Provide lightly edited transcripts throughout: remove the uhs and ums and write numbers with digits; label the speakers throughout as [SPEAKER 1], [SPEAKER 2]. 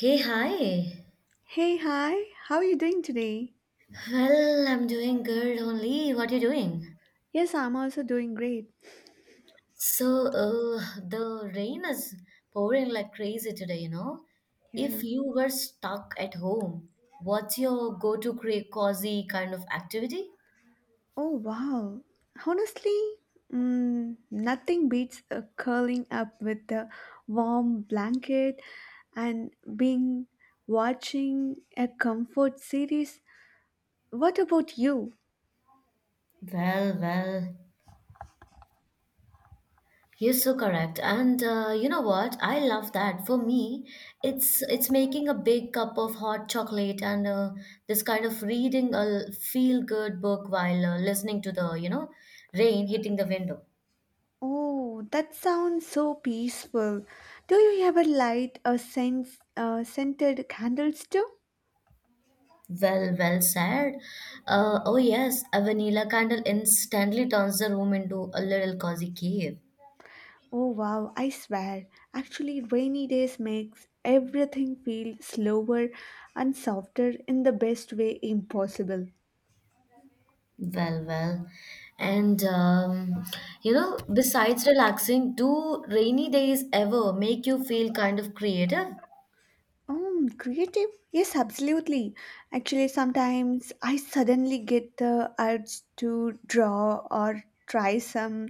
[SPEAKER 1] Hey, hi.
[SPEAKER 2] Hey, hi. How are you doing today?
[SPEAKER 1] Well, I'm doing good only. What you doing?
[SPEAKER 2] Yes, I'm also doing great.
[SPEAKER 1] So, uh, the rain is pouring like crazy today, you know? If
[SPEAKER 2] Yeah.
[SPEAKER 1] you were stuck at home, what's your go-to cozy kind of activity?
[SPEAKER 2] Oh, wow. Honestly, nothing beats curling up with a warm blanket and being watching a comfort series. What about you?
[SPEAKER 1] Well. You're so correct. And you know what? I love that. For me, it's making a big cup of hot chocolate and this kind of reading a feel good book while listening to the, rain hitting the window.
[SPEAKER 2] Oh, that sounds so peaceful. Do you ever light a sense scented candles too?
[SPEAKER 1] Well, well said. Oh yes, a vanilla candle instantly turns the room into a little cozy cave.
[SPEAKER 2] Oh wow, I swear. Actually, rainy days makes everything feel slower and softer in the best way impossible.
[SPEAKER 1] Well. And you know, besides relaxing, do rainy days ever make you feel kind of creative?
[SPEAKER 2] Creative? Yes, absolutely. Actually, sometimes I suddenly get the urge to draw or try some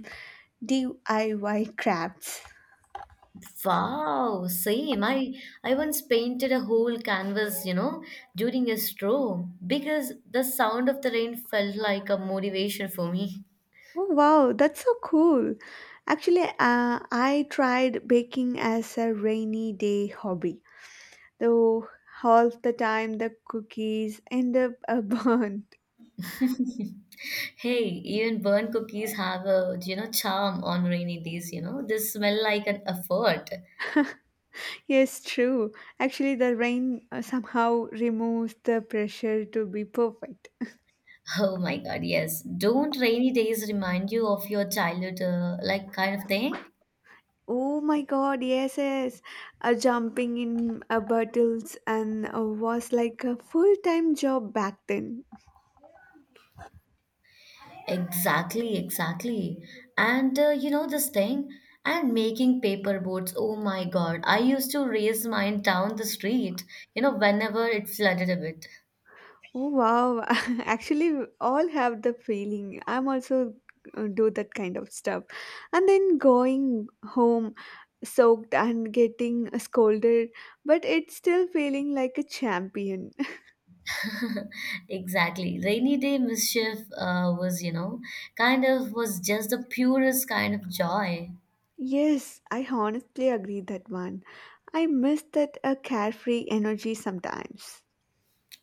[SPEAKER 2] DIY crafts.
[SPEAKER 1] Wow, same. I once painted a whole canvas, you know, during a stroll because the sound of the rain felt like a motivation for me.
[SPEAKER 2] Oh wow, that's so cool. Actually, I tried baking as a rainy day hobby, though all the time the cookies end up a burn.
[SPEAKER 1] Hey, even burnt cookies have a, you know, charm on rainy days, you know. They smell like an effort.
[SPEAKER 2] Yes, true. Actually, the rain somehow removes the pressure to be perfect.
[SPEAKER 1] Oh my God, yes. Don't rainy days remind you of your childhood, like kind of thing?
[SPEAKER 2] Oh my god, yes, yes. Jumping in bottles and was like a full time job back then.
[SPEAKER 1] Exactly, exactly. And you know this thing? And making paper boats. Oh my God. I used to raise mine down the street, you know, whenever it flooded a bit.
[SPEAKER 2] Oh wow, actually, we all have the feeling. I'm also do that kind of stuff. And then going home soaked and getting scolded, but it's still feeling like a champion.
[SPEAKER 1] Exactly. Rainy day mischief was, you know, kind of was just the purest kind of joy.
[SPEAKER 2] Yes, I honestly agree that one. I miss that carefree energy sometimes.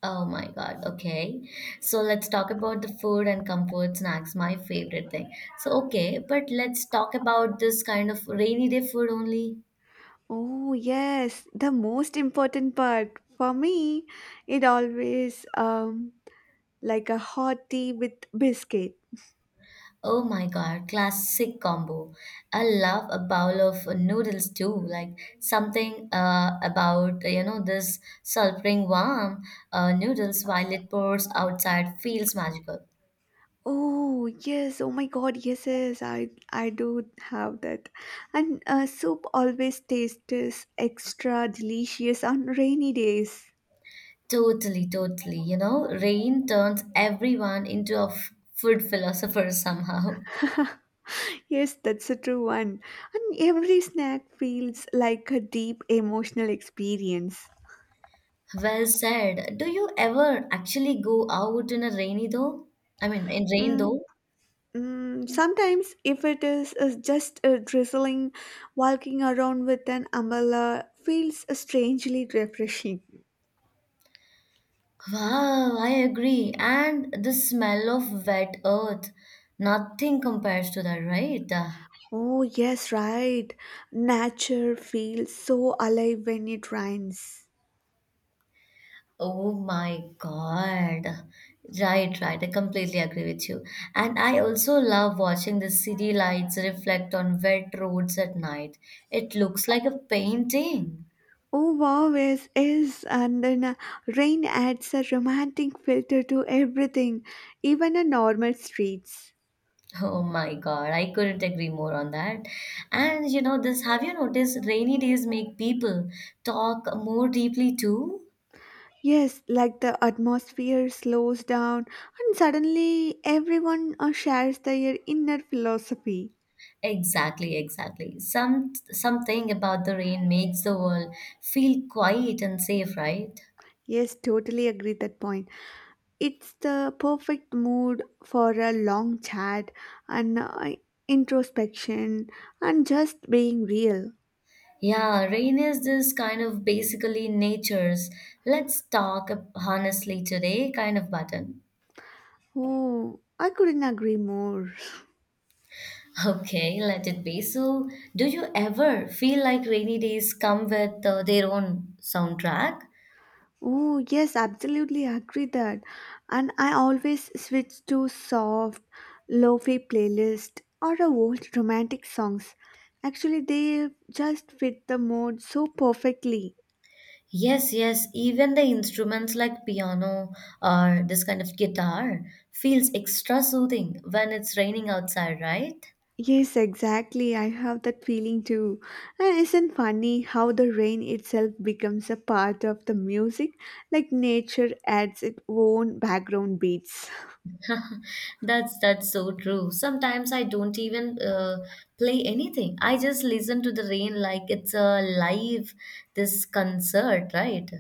[SPEAKER 1] Oh my God. Okay. So let's talk about the food and comfort snacks, my favorite thing. So, okay, but let's talk about this kind of rainy day food only.
[SPEAKER 2] Oh, yes, the most important part for me, it always like a hot tea with biscuit.
[SPEAKER 1] Oh my God, classic combo. I love a bowl of noodles too. Like something about, you know, this sulfuring warm noodles while it pours outside feels magical.
[SPEAKER 2] Oh yes! Oh my God! Yes, yes, I do have that, and soup always tastes extra delicious on rainy days.
[SPEAKER 1] Totally, totally. You know, rain turns everyone into a food philosopher somehow.
[SPEAKER 2] Yes, that's a true one, and every snack feels like a deep emotional experience.
[SPEAKER 1] Well said. Do you ever actually go out in a rainy though? I mean, in rain
[SPEAKER 2] Mm,
[SPEAKER 1] though?
[SPEAKER 2] sometimes, if it is just drizzling, walking around with an umbrella feels strangely refreshing.
[SPEAKER 1] Wow, I agree. And the smell of wet earth, nothing compares to that, right?
[SPEAKER 2] Oh, yes, right. Nature feels so alive when it rains.
[SPEAKER 1] Oh my God. Right, right. I completely agree with you. And I also love watching the city lights reflect on wet roads at night. It looks like a painting.
[SPEAKER 2] Oh, wow, yes, yes. And then rain adds a romantic filter to everything, even a normal streets.
[SPEAKER 1] Oh my God, I couldn't agree more on that. And you know, this have you noticed rainy days make people talk more deeply too?
[SPEAKER 2] Yes, like the atmosphere slows down, and suddenly everyone shares their inner philosophy.
[SPEAKER 1] Exactly, exactly. Something about the rain makes the world feel quiet and safe, right?
[SPEAKER 2] Yes, totally agree that point. It's the perfect mood for a long chat and introspection and just being real.
[SPEAKER 1] Yeah, rain is this kind of basically nature's let's talk honestly today kind of button.
[SPEAKER 2] Oh, I couldn't agree more.
[SPEAKER 1] Okay, let it be. So, do you ever feel like rainy days come with their own soundtrack?
[SPEAKER 2] Oh, yes, absolutely agree that. And I always switch to soft, lo-fi playlist or a old romantic songs. Actually, they just fit the mood so perfectly.
[SPEAKER 1] Yes, yes, even the instruments like piano or this kind of guitar feels extra soothing when it's raining outside, right?
[SPEAKER 2] Yes, exactly. I have that feeling too. And isn't funny how the rain itself becomes a part of the music, like nature adds its own background beats.
[SPEAKER 1] That's so true. Sometimes I don't even play anything. I just listen to the rain like it's a live this concert, right?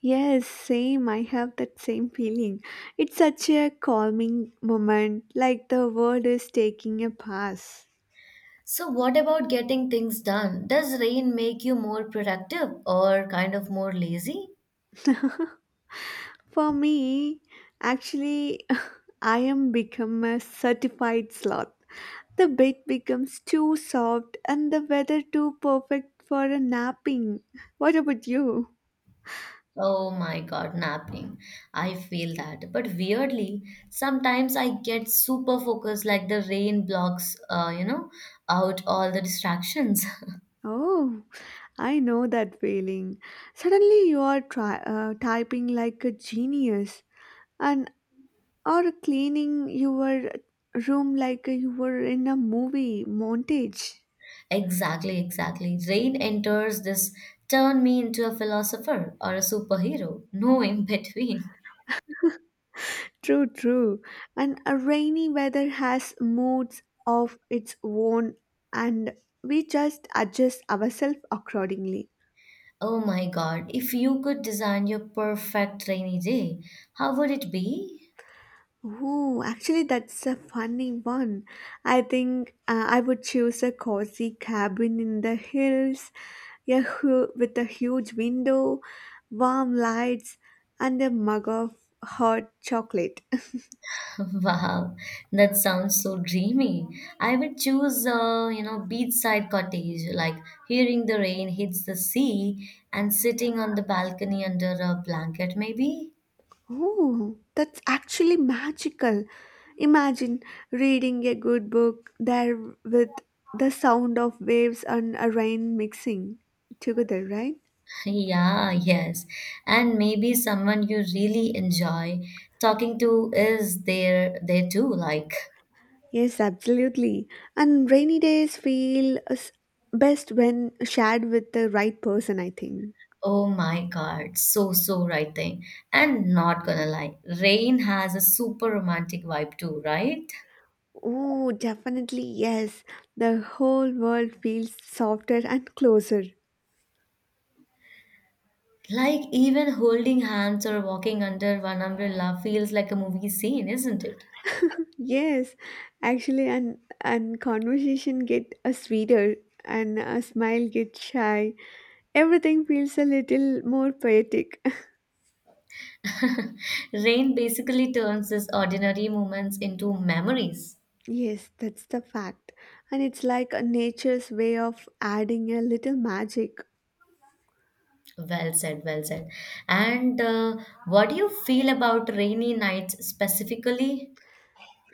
[SPEAKER 2] Yes, same. I have that same feeling. It's such a calming moment, like the world is taking a pass.
[SPEAKER 1] So what about getting things done? Does rain make you more productive or kind of more lazy?
[SPEAKER 2] For me, actually, I am become a certified sloth. The bed becomes too soft and the weather too perfect for a napping. What about you?
[SPEAKER 1] Oh my God, napping. I feel that. But weirdly, sometimes I get super focused like the rain blocks, you know, out all the distractions.
[SPEAKER 2] Oh, I know that feeling. Suddenly you are typing like a genius and or cleaning your room like you were in a movie montage.
[SPEAKER 1] Exactly, exactly. Rain enters this turn me into a philosopher or a superhero. No in between.
[SPEAKER 2] True, true. And a rainy weather has moods of its own and we just adjust ourselves accordingly.
[SPEAKER 1] Oh my God, if you could design your perfect rainy day, how would it be?
[SPEAKER 2] Oh, actually, that's a funny one. I think I would choose a cozy cabin in the hills, a with a huge window, warm lights, and a mug of hot chocolate.
[SPEAKER 1] Wow, that sounds so dreamy. I would choose a, you know, beachside cottage, like hearing the rain hits the sea and sitting on the balcony under a blanket, maybe.
[SPEAKER 2] Oh, that's actually magical. Imagine reading a good book there with the sound of waves and a rain mixing together, right?
[SPEAKER 1] Yeah, yes. And maybe someone you really enjoy talking to is there too, like,
[SPEAKER 2] Yes, absolutely. And rainy days best when shared with the right person, I think.
[SPEAKER 1] oh my God, so so right thing. And not gonna lie, rain has a super romantic vibe too, right?
[SPEAKER 2] Oh, definitely, yes. The whole world feels softer and closer.
[SPEAKER 1] Like even holding hands or walking under one umbrella feels like a movie scene, isn't it?
[SPEAKER 2] Yes, actually, and conversation get a sweeter, and a smile get shy. Everything feels a little more poetic.
[SPEAKER 1] Rain basically turns these ordinary moments into memories.
[SPEAKER 2] Yes, that's the fact, and it's like a nature's way of adding a little magic.
[SPEAKER 1] Well said, well said. And what do you feel about rainy nights specifically?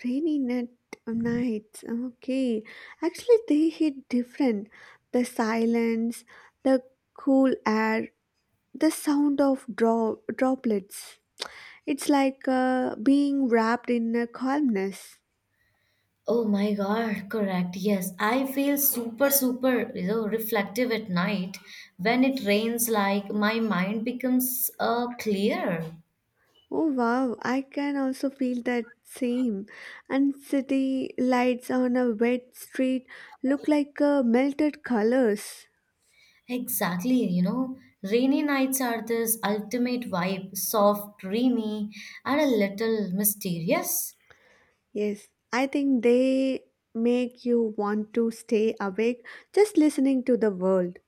[SPEAKER 2] Rainy net nights. Okay. Actually, they hit different. The silence, the cool air, the sound of droplets. It's like being wrapped in a calmness.
[SPEAKER 1] Oh my God, correct. Yes, I feel super, super, you know, reflective at night. When it rains, like my mind becomes clear.
[SPEAKER 2] Oh wow, I can also feel that same. And city lights on a wet street look like melted colors.
[SPEAKER 1] Exactly, you know, rainy nights are this ultimate vibe, soft, dreamy, and a little mysterious.
[SPEAKER 2] Yes, I think they make you want to stay awake just listening to the world.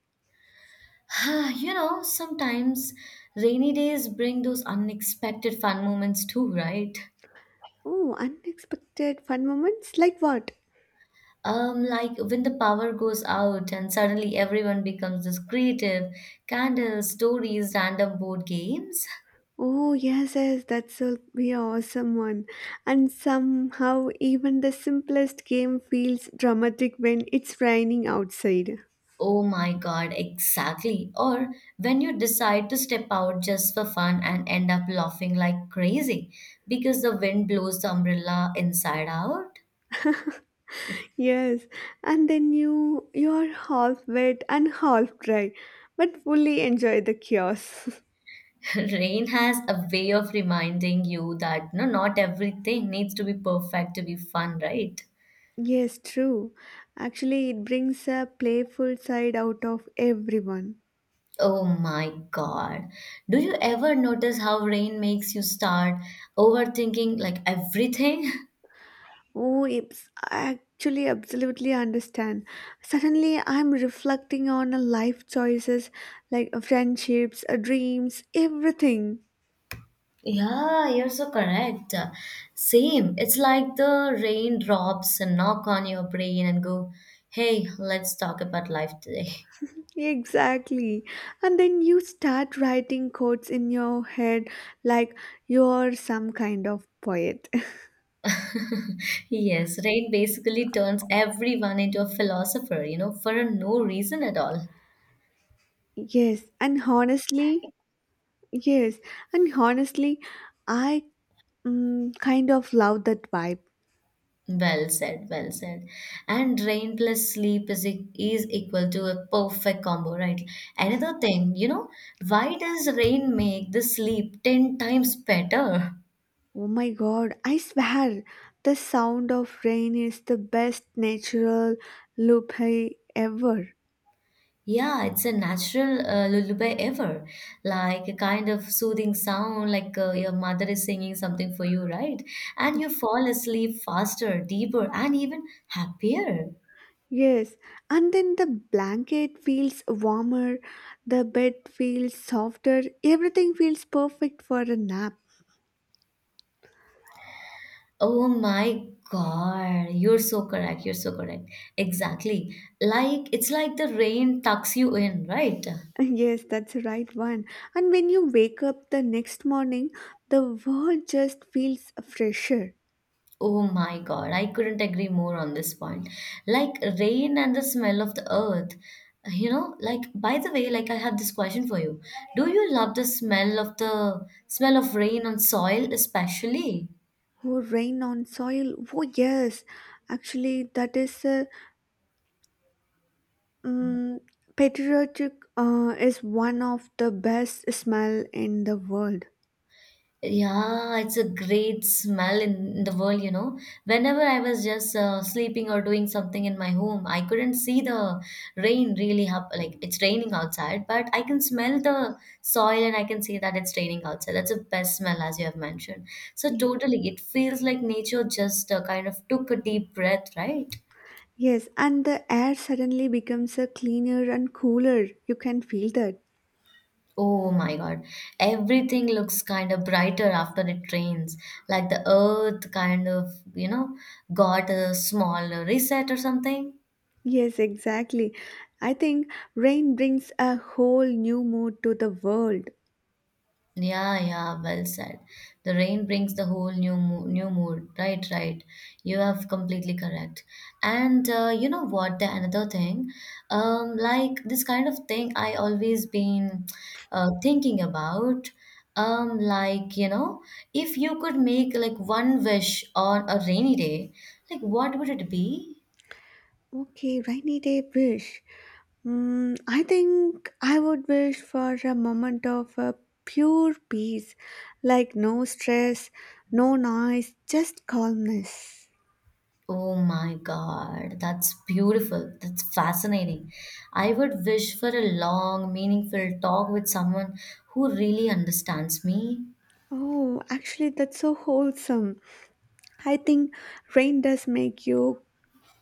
[SPEAKER 1] You know, sometimes rainy days bring those unexpected fun moments too, right?
[SPEAKER 2] Oh, unexpected fun moments like what?
[SPEAKER 1] Like when the power goes out and suddenly everyone becomes this creative, candles, stories, random board games.
[SPEAKER 2] Oh, yes, yes, that's will be an awesome one. And somehow, even the simplest game feels dramatic when it's raining outside.
[SPEAKER 1] Oh my god, exactly. Or when you decide to step out just for fun and end up laughing like crazy because the wind blows the umbrella inside out.
[SPEAKER 2] Yes, and then you're half wet and half dry, but fully enjoy the chaos.
[SPEAKER 1] Rain has a way of reminding you that no, not everything needs to be perfect to be fun, right?
[SPEAKER 2] Yes, true. Actually, it brings a playful side out of everyone.
[SPEAKER 1] Oh my God. Do you ever notice how rain makes you start overthinking like everything?
[SPEAKER 2] Oh, it's I actually absolutely understand. Suddenly, I'm reflecting on a life choices like friendships, dreams, everything.
[SPEAKER 1] Yeah, you're so correct. Same. It's like the rain drops and knock on your brain and go, hey, let's talk about life today.
[SPEAKER 2] Exactly. And then you start writing quotes in your head like you're some kind of poet.
[SPEAKER 1] Yes, rain basically turns everyone into a philosopher, you know, for no reason at all.
[SPEAKER 2] Yes, and honestly, yes, and honestly, I kind of love that vibe.
[SPEAKER 1] Well said, well said. And rain plus sleep is equal to a perfect combo, right? Another thing, you know, why does rain make the sleep 10 times better?
[SPEAKER 2] Oh my god, I swear, the sound of rain is the best natural loop ever.
[SPEAKER 1] Yeah, it's a natural lullaby ever, like a kind of soothing sound, like your mother is singing something for you, right? And you fall asleep faster, deeper, and even happier.
[SPEAKER 2] Yes, and then the blanket feels warmer, the bed feels softer, everything feels perfect for a nap.
[SPEAKER 1] Oh my God, you're so correct. You're so correct. Exactly. Like it's like the rain tucks you in, right?
[SPEAKER 2] Yes, that's the right one. And when you wake up the next morning, the world just feels fresher.
[SPEAKER 1] Oh my God, I couldn't agree more on this point. Like rain and the smell of the earth. You know, like by the way, like I have this question for you. Do you love the smell of rain on soil especially?
[SPEAKER 2] Oh, rain on soil. Oh, yes. Actually, that is a Mm, patriotic is one of the best smell in the world.
[SPEAKER 1] Yeah, it's a great smell in the world, you know. Whenever I was just sleeping or doing something in my home, I couldn't see the rain really hap like it's raining outside, but I can smell the soil and I can see that it's raining outside. That's the best smell, as you have mentioned. So
[SPEAKER 2] Yes.
[SPEAKER 1] totally, it feels like nature just kind of took a deep breath, right?
[SPEAKER 2] Yes, and the air suddenly becomes a cleaner and cooler. You can feel that.
[SPEAKER 1] Oh my God. Everything looks kind of brighter after it rains. Like the earth kind of, you know, got a small reset or something.
[SPEAKER 2] Yes, exactly. I think rain brings a whole new mood to the world.
[SPEAKER 1] Yeah, yeah, well said. The rain brings the whole new mo new mood. Right, right. You have completely correct. And you know what? The another thing, like this kind of thing, I always been thinking about. Like you know, if you could make like one wish on a rainy day, like what would it be?
[SPEAKER 2] Okay, rainy day wish. Mm, I think I would wish for a moment of pure peace, like no stress, no noise, just calmness.
[SPEAKER 1] Oh my God, that's beautiful. That's fascinating. I would wish for a long, meaningful talk with someone who really understands me.
[SPEAKER 2] Oh, actually, that's so wholesome. I think rain does make you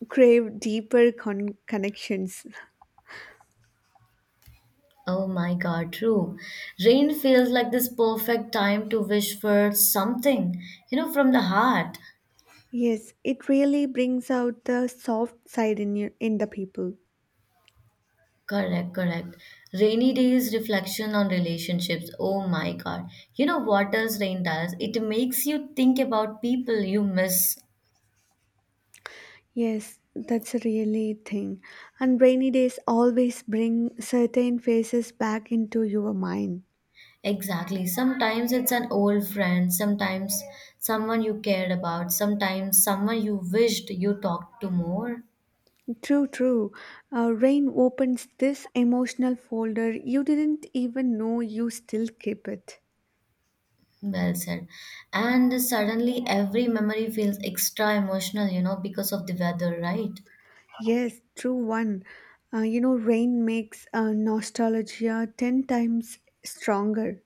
[SPEAKER 2] crave deeper connections.
[SPEAKER 1] Oh my God, true. Rain feels like this perfect time to wish for something, you know, from the heart.
[SPEAKER 2] Yes, it really brings out the soft side in you in the people.
[SPEAKER 1] Correct, correct. Rainy days reflection on relationships. Oh my God. You know what does rain does? It makes you think about people you miss.
[SPEAKER 2] Yes, that's a really thing. And rainy days always bring certain faces back into your mind.
[SPEAKER 1] Exactly. Sometimes it's an old friend, sometimes someone you cared about, sometimes someone you wished you talked to more.
[SPEAKER 2] True, true. Rain opens this emotional folder you didn't even know you still keep it.
[SPEAKER 1] Well said. And suddenly every memory feels extra emotional, you know, because of the weather, right?
[SPEAKER 2] Yes, true one. You know, rain makes nostalgia 10 times stronger.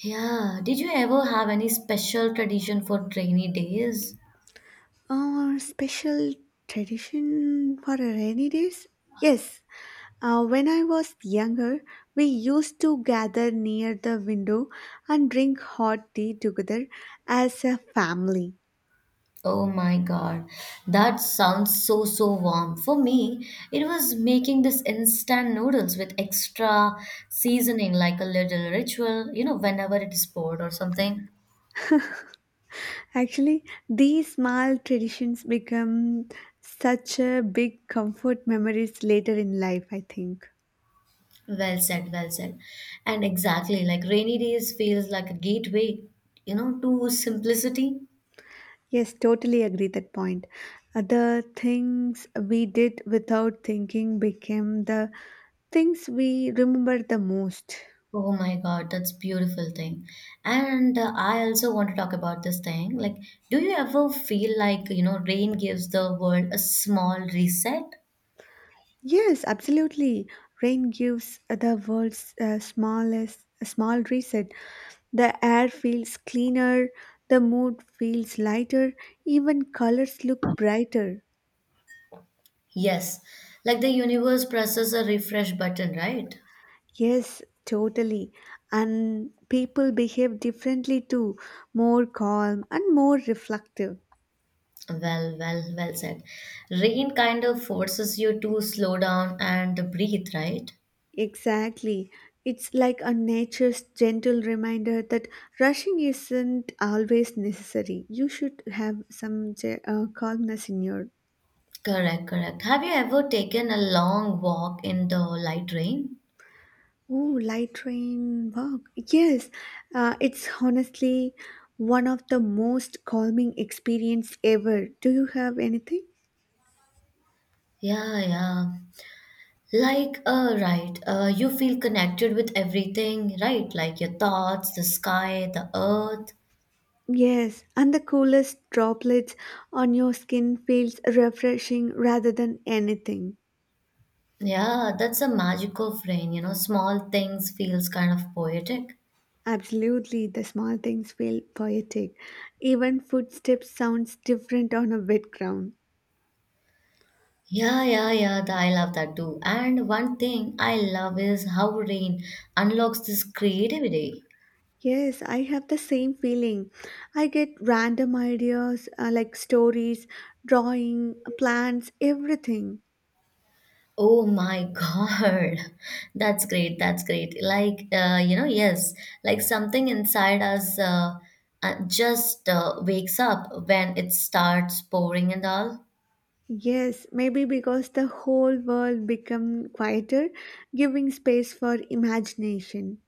[SPEAKER 1] Yeah. Did you ever have any special tradition for rainy days?
[SPEAKER 2] Our special tradition for a rainy days? Yes. When I was younger, we used to gather near the window and drink hot tea together as a family.
[SPEAKER 1] Oh my God, that sounds so so warm. For me, it was making this instant noodles with extra seasoning, like a little ritual, you know, whenever it is poured or something.
[SPEAKER 2] Actually, these small traditions become such a big comfort memories later in life, I think.
[SPEAKER 1] Well said, well said. And exactly, like rainy days feels like a gateway, you know, to simplicity.
[SPEAKER 2] Yes, totally agree that point. The things we did without thinking became the things we remember the most.
[SPEAKER 1] Oh my God, that's beautiful thing. And I also want to talk about this thing. Like, do you ever feel like, you know, rain gives the world a small reset?
[SPEAKER 2] Yes, absolutely. Rain gives the world's smallest a small reset. The air feels cleaner, the mood feels lighter, even colors look brighter.
[SPEAKER 1] Yes, like the universe presses a refresh button, right?
[SPEAKER 2] Yes, totally. And people behave differently too, more calm and more reflective.
[SPEAKER 1] Well, well, well said. Rain kind of forces you to slow down and breathe, right?
[SPEAKER 2] Exactly. It's like a nature's gentle reminder that rushing isn't always necessary. You should have some calmness in your.
[SPEAKER 1] Correct, correct. Have you ever taken a long walk in the light rain?
[SPEAKER 2] Oh, light train walk. Yes, it's honestly one of the most calming experience ever. Do you have anything?
[SPEAKER 1] Yeah, yeah. Like, right, you feel connected with everything, right? Like your thoughts, the sky, the earth.
[SPEAKER 2] Yes, and the coolest droplets on your skin feels refreshing rather than anything.
[SPEAKER 1] Yeah, that's a magic of rain, you know, small things feels kind of poetic.
[SPEAKER 2] Absolutely, the small things feel poetic. Even footsteps sounds different on a wet ground.
[SPEAKER 1] Yeah, yeah, yeah. I love that too. And one thing I love is how rain unlocks this creativity.
[SPEAKER 2] Yes, I have the same feeling. I get random ideas like stories, drawing, plans, everything.
[SPEAKER 1] Oh my God. That's great. That's great. Like, you know, yes, like something inside us just wakes up when it starts pouring and all.
[SPEAKER 2] Yes, maybe because the whole world become quieter, giving space for imagination.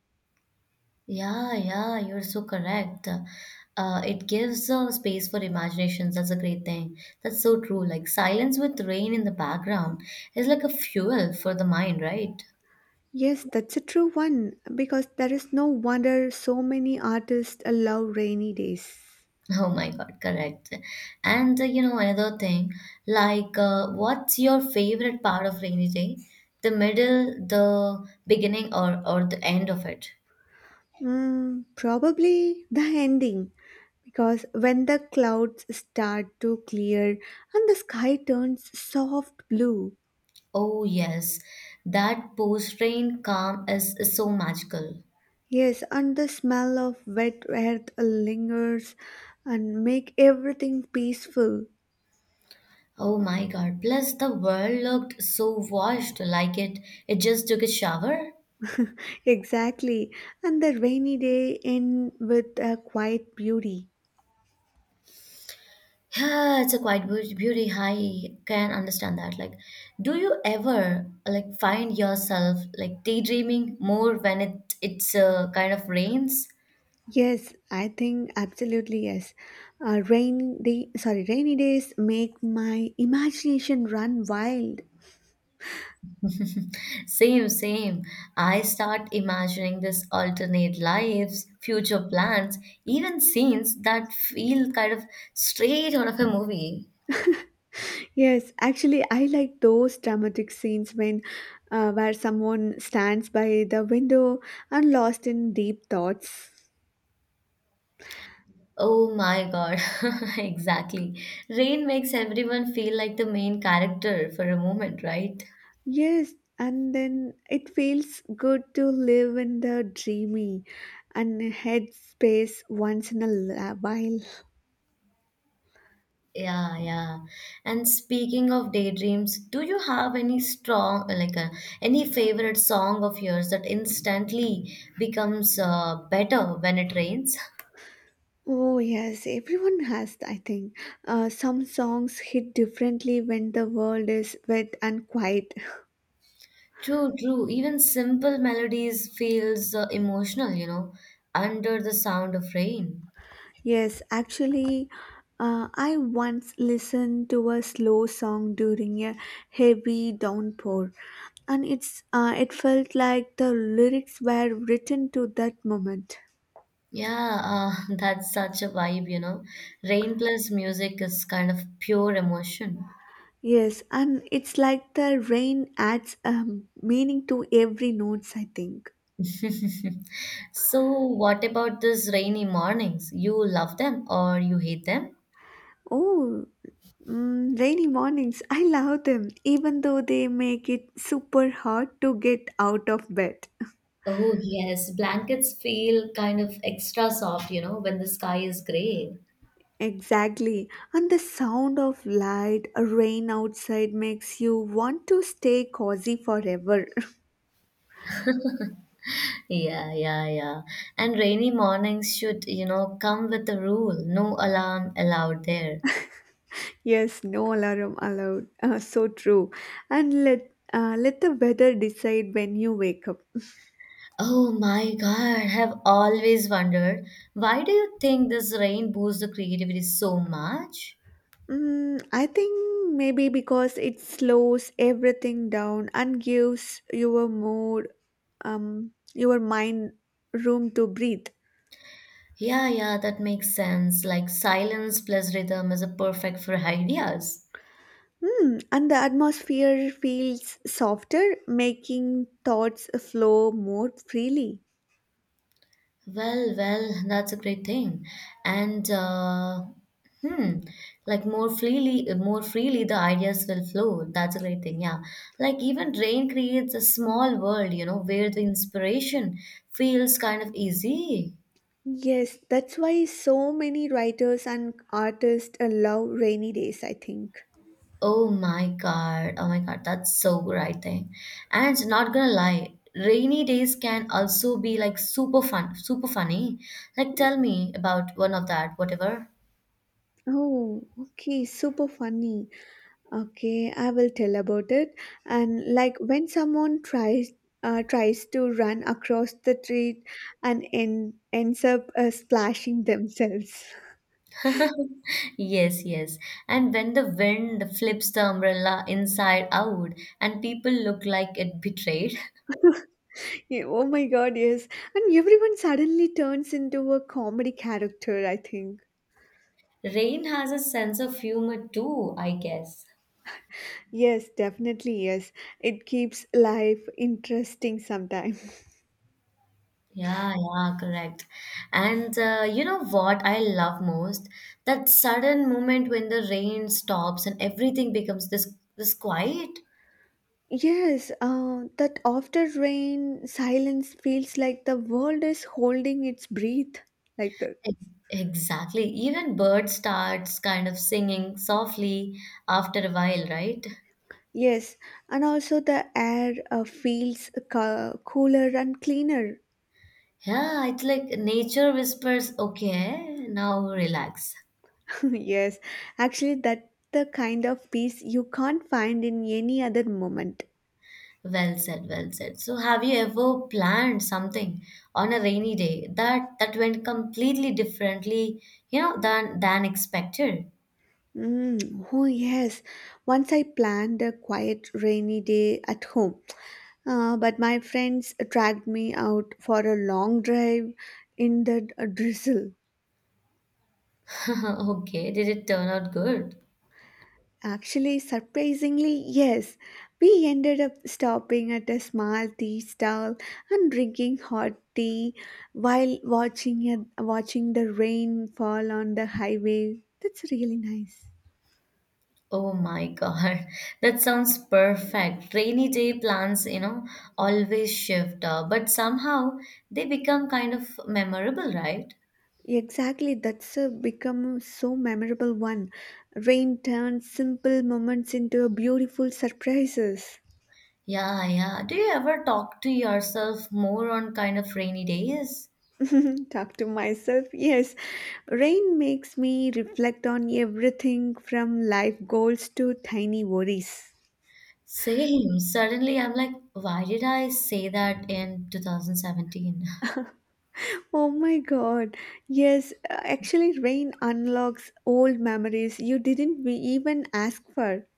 [SPEAKER 1] Yeah, yeah, you're so correct. It gives space for imaginations. That's a great thing. That's so true. Like silence with rain in the background is like a fuel for the mind, right?
[SPEAKER 2] Yes, that's a true one because there is no wonder so many artists love rainy days.
[SPEAKER 1] Oh my God, correct. And you know another thing, like what's your favorite part of rainy day? The middle, the beginning, or the end of it?
[SPEAKER 2] Mm, probably the ending, because when the clouds start to clear and the sky turns soft blue.
[SPEAKER 1] Oh yes, that post-rain calm is so magical.
[SPEAKER 2] Yes, and the smell of wet earth lingers and make everything peaceful.
[SPEAKER 1] Oh my god. Plus the world looked so washed like it just took a shower.
[SPEAKER 2] Exactly, and the rainy day end with a quiet beauty.
[SPEAKER 1] Yeah, it's a beauty. I can understand that. Like, do you ever like find yourself like daydreaming more when it's kind of rains?
[SPEAKER 2] Yes, I think absolutely yes. Rainy days make my imagination run wild.
[SPEAKER 1] Same, same. I start imagining this alternate lives, future plans, even scenes that feel kind of straight out of a movie.
[SPEAKER 2] Yes, actually, I like those dramatic scenes when where someone stands by the window and lost in deep thoughts.
[SPEAKER 1] Oh my God, exactly. Rain makes everyone feel like the main character for a moment, right?
[SPEAKER 2] Yes, and then it feels good to live in the dreamy and headspace once in a while.
[SPEAKER 1] Yeah, yeah. And speaking of daydreams, do you have any strong, any favorite song of yours that instantly becomes better when it rains?
[SPEAKER 2] Oh yes, everyone has, I think. Some songs hit differently when the world is wet and quiet.
[SPEAKER 1] True, true. Even simple melodies feels emotional, under the sound of rain.
[SPEAKER 2] Yes, actually, I once listened to a slow song during a heavy downpour, and it felt like the lyrics were written to that moment.
[SPEAKER 1] Yeah, that's such a vibe, Rain plus music is kind of pure emotion.
[SPEAKER 2] Yes, and it's like the rain adds meaning to every notes, I think.
[SPEAKER 1] So, what about these rainy mornings? You love them or you hate them?
[SPEAKER 2] Oh, mm, rainy mornings, I love them, even though they make it super hard to get out of bed.
[SPEAKER 1] Oh, yes. Blankets feel kind of extra soft, when the sky is gray.
[SPEAKER 2] Exactly. And the sound of light, rain outside makes you want to stay cozy forever.
[SPEAKER 1] Yeah, yeah, yeah. And rainy mornings should, come with a rule, no alarm allowed there.
[SPEAKER 2] Yes, no alarm allowed. So true. And let the weather decide when you wake up.
[SPEAKER 1] Oh my God, I've always wondered why do you think this rain boosts the creativity so much?
[SPEAKER 2] Mm, I think maybe because it slows everything down and gives your mood, your mind room to breathe.
[SPEAKER 1] Yeah, yeah, that makes sense. Like silence plus rhythm is a perfect for ideas.
[SPEAKER 2] Hmm, and the atmosphere feels softer, making thoughts flow more freely.
[SPEAKER 1] Well, well, that's a great thing. And uh, hmm, like more freely the ideas will flow. That's a great thing. Yeah, like even rain creates a small world, where the inspiration feels kind of easy.
[SPEAKER 2] Yes, that's why so many writers and artists love rainy days, I think.
[SPEAKER 1] Oh my God. Oh my God. That's so right thing. And not gonna lie, rainy days can also be like super fun, super funny. Like tell me about one of that, whatever.
[SPEAKER 2] Oh, okay, super funny. Okay, I will tell about it. And like when someone tries to run across the street and ends up splashing themselves.
[SPEAKER 1] Yes, yes. And when the wind flips the umbrella inside out and people look like it betrayed.
[SPEAKER 2] Yeah, oh my god, yes. And everyone suddenly turns into a comedy character, I think.
[SPEAKER 1] Rain has a sense of humor too, I guess.
[SPEAKER 2] Yes, definitely, yes. It keeps life interesting sometimes.
[SPEAKER 1] Yeah, yeah, correct. And you know what I love most? That sudden moment when the rain stops and everything becomes this quiet.
[SPEAKER 2] Yes, that after rain, silence feels like the world is holding its breath, like that.
[SPEAKER 1] E- Exactly. Even birds starts kind of singing softly after a while, right?
[SPEAKER 2] Yes, and also the air feels cooler and cleaner.
[SPEAKER 1] Yeah, it's like nature whispers, okay, now relax.
[SPEAKER 2] Yes, actually, that the kind of peace you can't find in any other moment.
[SPEAKER 1] Well said, well said. So have you ever planned something on a rainy day that went completely differently, than expected?
[SPEAKER 2] Mm, oh, yes. Once I planned a quiet rainy day at home, but my friends dragged me out for a long drive in the drizzle.
[SPEAKER 1] Okay, did it turn out good?
[SPEAKER 2] Actually, surprisingly, yes. We ended up stopping at a small tea stall and drinking hot tea while watching the rain fall on the highway. That's really nice.
[SPEAKER 1] Oh my God, that sounds perfect. Rainy day plans, always shift, but somehow they become kind of memorable, right?
[SPEAKER 2] Exactly, that's a become so memorable one. Rain turns simple moments into beautiful surprises.
[SPEAKER 1] Yeah, yeah. Do you ever talk to yourself more on kind of rainy days?
[SPEAKER 2] Talk to myself. Yes, rain makes me reflect on everything from life goals to tiny worries.
[SPEAKER 1] Same. Suddenly, I'm like, why did I say that in 2017?
[SPEAKER 2] Oh my god. Yes, actually, rain unlocks old memories you didn't even ask for.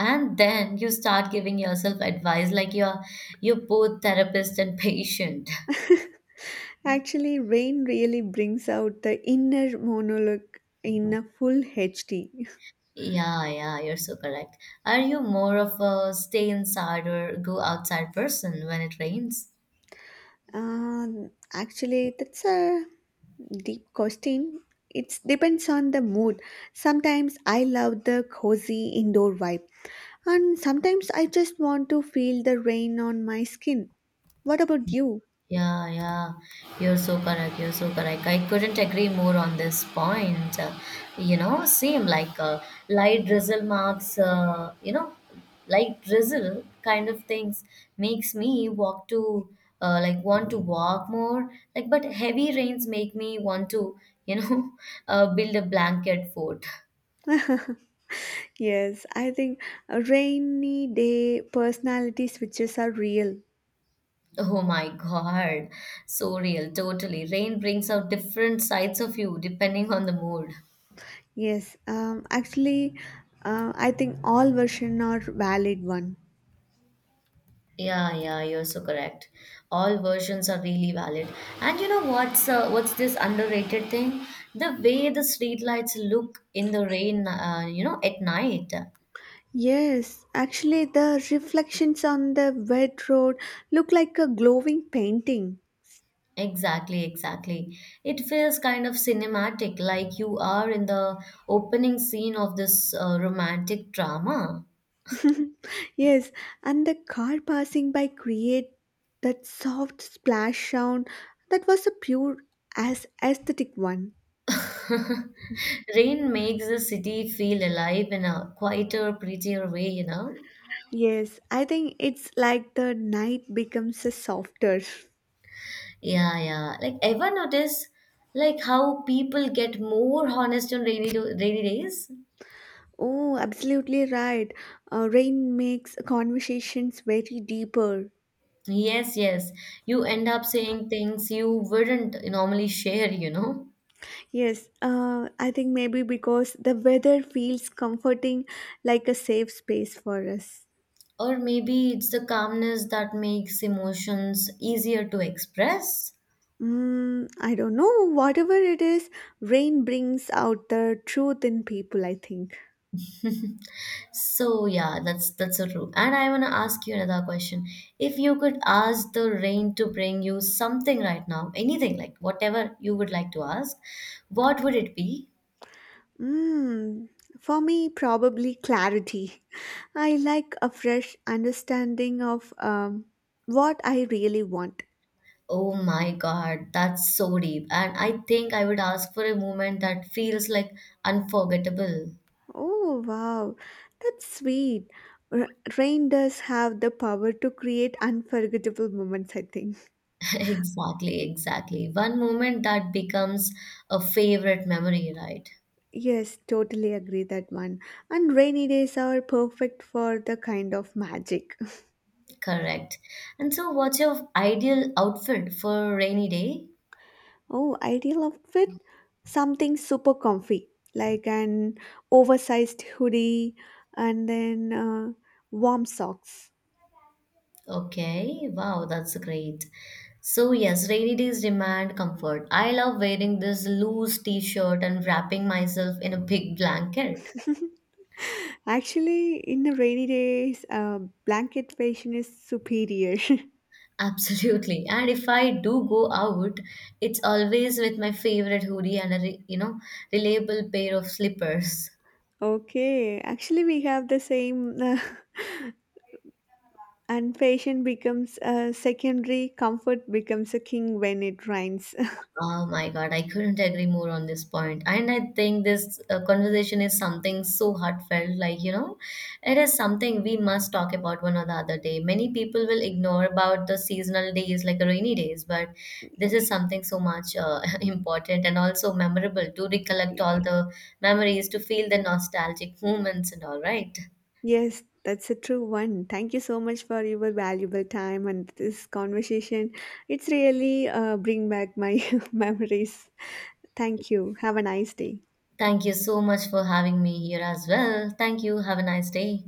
[SPEAKER 1] And then you start giving yourself advice like you're both therapist and patient.
[SPEAKER 2] Actually, rain really brings out the inner monologue in a full HD.
[SPEAKER 1] Yeah, yeah, you're so correct. Are you more of a stay inside or go outside person when it rains?
[SPEAKER 2] Actually, that's a deep question. It depends on the mood. Sometimes I love the cozy indoor vibe, and sometimes I just want to feel the rain on my skin. What about you?
[SPEAKER 1] Yeah, yeah, you're so correct. You're so correct. I couldn't agree more on this point. Same like light drizzle marks, light drizzle kind of things makes me walk to, like, want to walk more. Like, but heavy rains make me want to, you know, build a blanket fort.
[SPEAKER 2] Yes, I think a rainy day personality switches are real.
[SPEAKER 1] Oh my God. So real, totally. Rain brings out different sides of you depending on the mood.
[SPEAKER 2] Yes, I think all version are valid one.
[SPEAKER 1] Yeah, yeah, you're so correct. All versions are really valid. And you know what's this underrated thing? The way the streetlights look in the rain, at night.
[SPEAKER 2] Yes, actually, the reflections on the wet road look like a glowing painting.
[SPEAKER 1] Exactly, exactly. It feels kind of cinematic, like you are in the opening scene of this romantic drama.
[SPEAKER 2] Yes, and the car passing by create that soft splash sound that was a pure as aesthetic one.
[SPEAKER 1] Rain makes the city feel alive in a quieter, prettier way,
[SPEAKER 2] Yes, I think it's like the night becomes a softer.
[SPEAKER 1] Yeah, yeah. Like, ever notice like how people get more honest on rainy days?
[SPEAKER 2] Oh, absolutely right. Rain makes conversations very deeper.
[SPEAKER 1] Yes, yes. You end up saying things you wouldn't normally share, you know?
[SPEAKER 2] Yes, I think maybe because the weather feels comforting like a safe space for us.
[SPEAKER 1] Or maybe it's the calmness that makes emotions easier to express.
[SPEAKER 2] Mm, I don't know. Whatever it is, rain brings out the truth in people, I think.
[SPEAKER 1] So yeah, that's so true. And I want to ask you another question. If you could ask the rain to bring you something right now, anything like whatever you would like to ask, what would it be?
[SPEAKER 2] Mm, for me, probably clarity. I like a fresh understanding of what I really want.
[SPEAKER 1] Oh my God, that's so deep. And I think I would ask for a moment that feels like unforgettable.
[SPEAKER 2] Oh, wow. That's sweet. R- rain does have the power to create unforgettable moments, I think.
[SPEAKER 1] Exactly, exactly. One moment that becomes a favorite memory, right?
[SPEAKER 2] Yes, totally agree that one. And rainy days are perfect for the kind of magic.
[SPEAKER 1] Correct. And so, what's your ideal outfit for rainy day?
[SPEAKER 2] Oh, ideal outfit? Something super comfy, like an oversized hoodie and then warm socks.
[SPEAKER 1] Okay, wow, that's great. So, yes, rainy days demand comfort. I love wearing this loose t shirt and wrapping myself in a big blanket.
[SPEAKER 2] Actually, in the rainy days, blanket fashion is superior.
[SPEAKER 1] Absolutely. And if I do go out, it's always with my favorite hoodie and a, reliable pair of slippers.
[SPEAKER 2] Okay, actually, we have the same. And patient becomes a secondary comfort becomes a king when it rains.
[SPEAKER 1] Oh my God, I couldn't agree more on this point. And I think this conversation is something so heartfelt. Like, you know, it is something we must talk about one or the other day. Many people will ignore about the seasonal days, like rainy days, but this is something so much important and also memorable to recollect all the memories, to feel the nostalgic moments and all, right?
[SPEAKER 2] Yes, that's a true one. Thank you so much for your valuable time and this conversation. It's really bring back my memories. Thank you, have a nice day.
[SPEAKER 1] Thank you so much for having me here as well. Thank you. Have a nice day.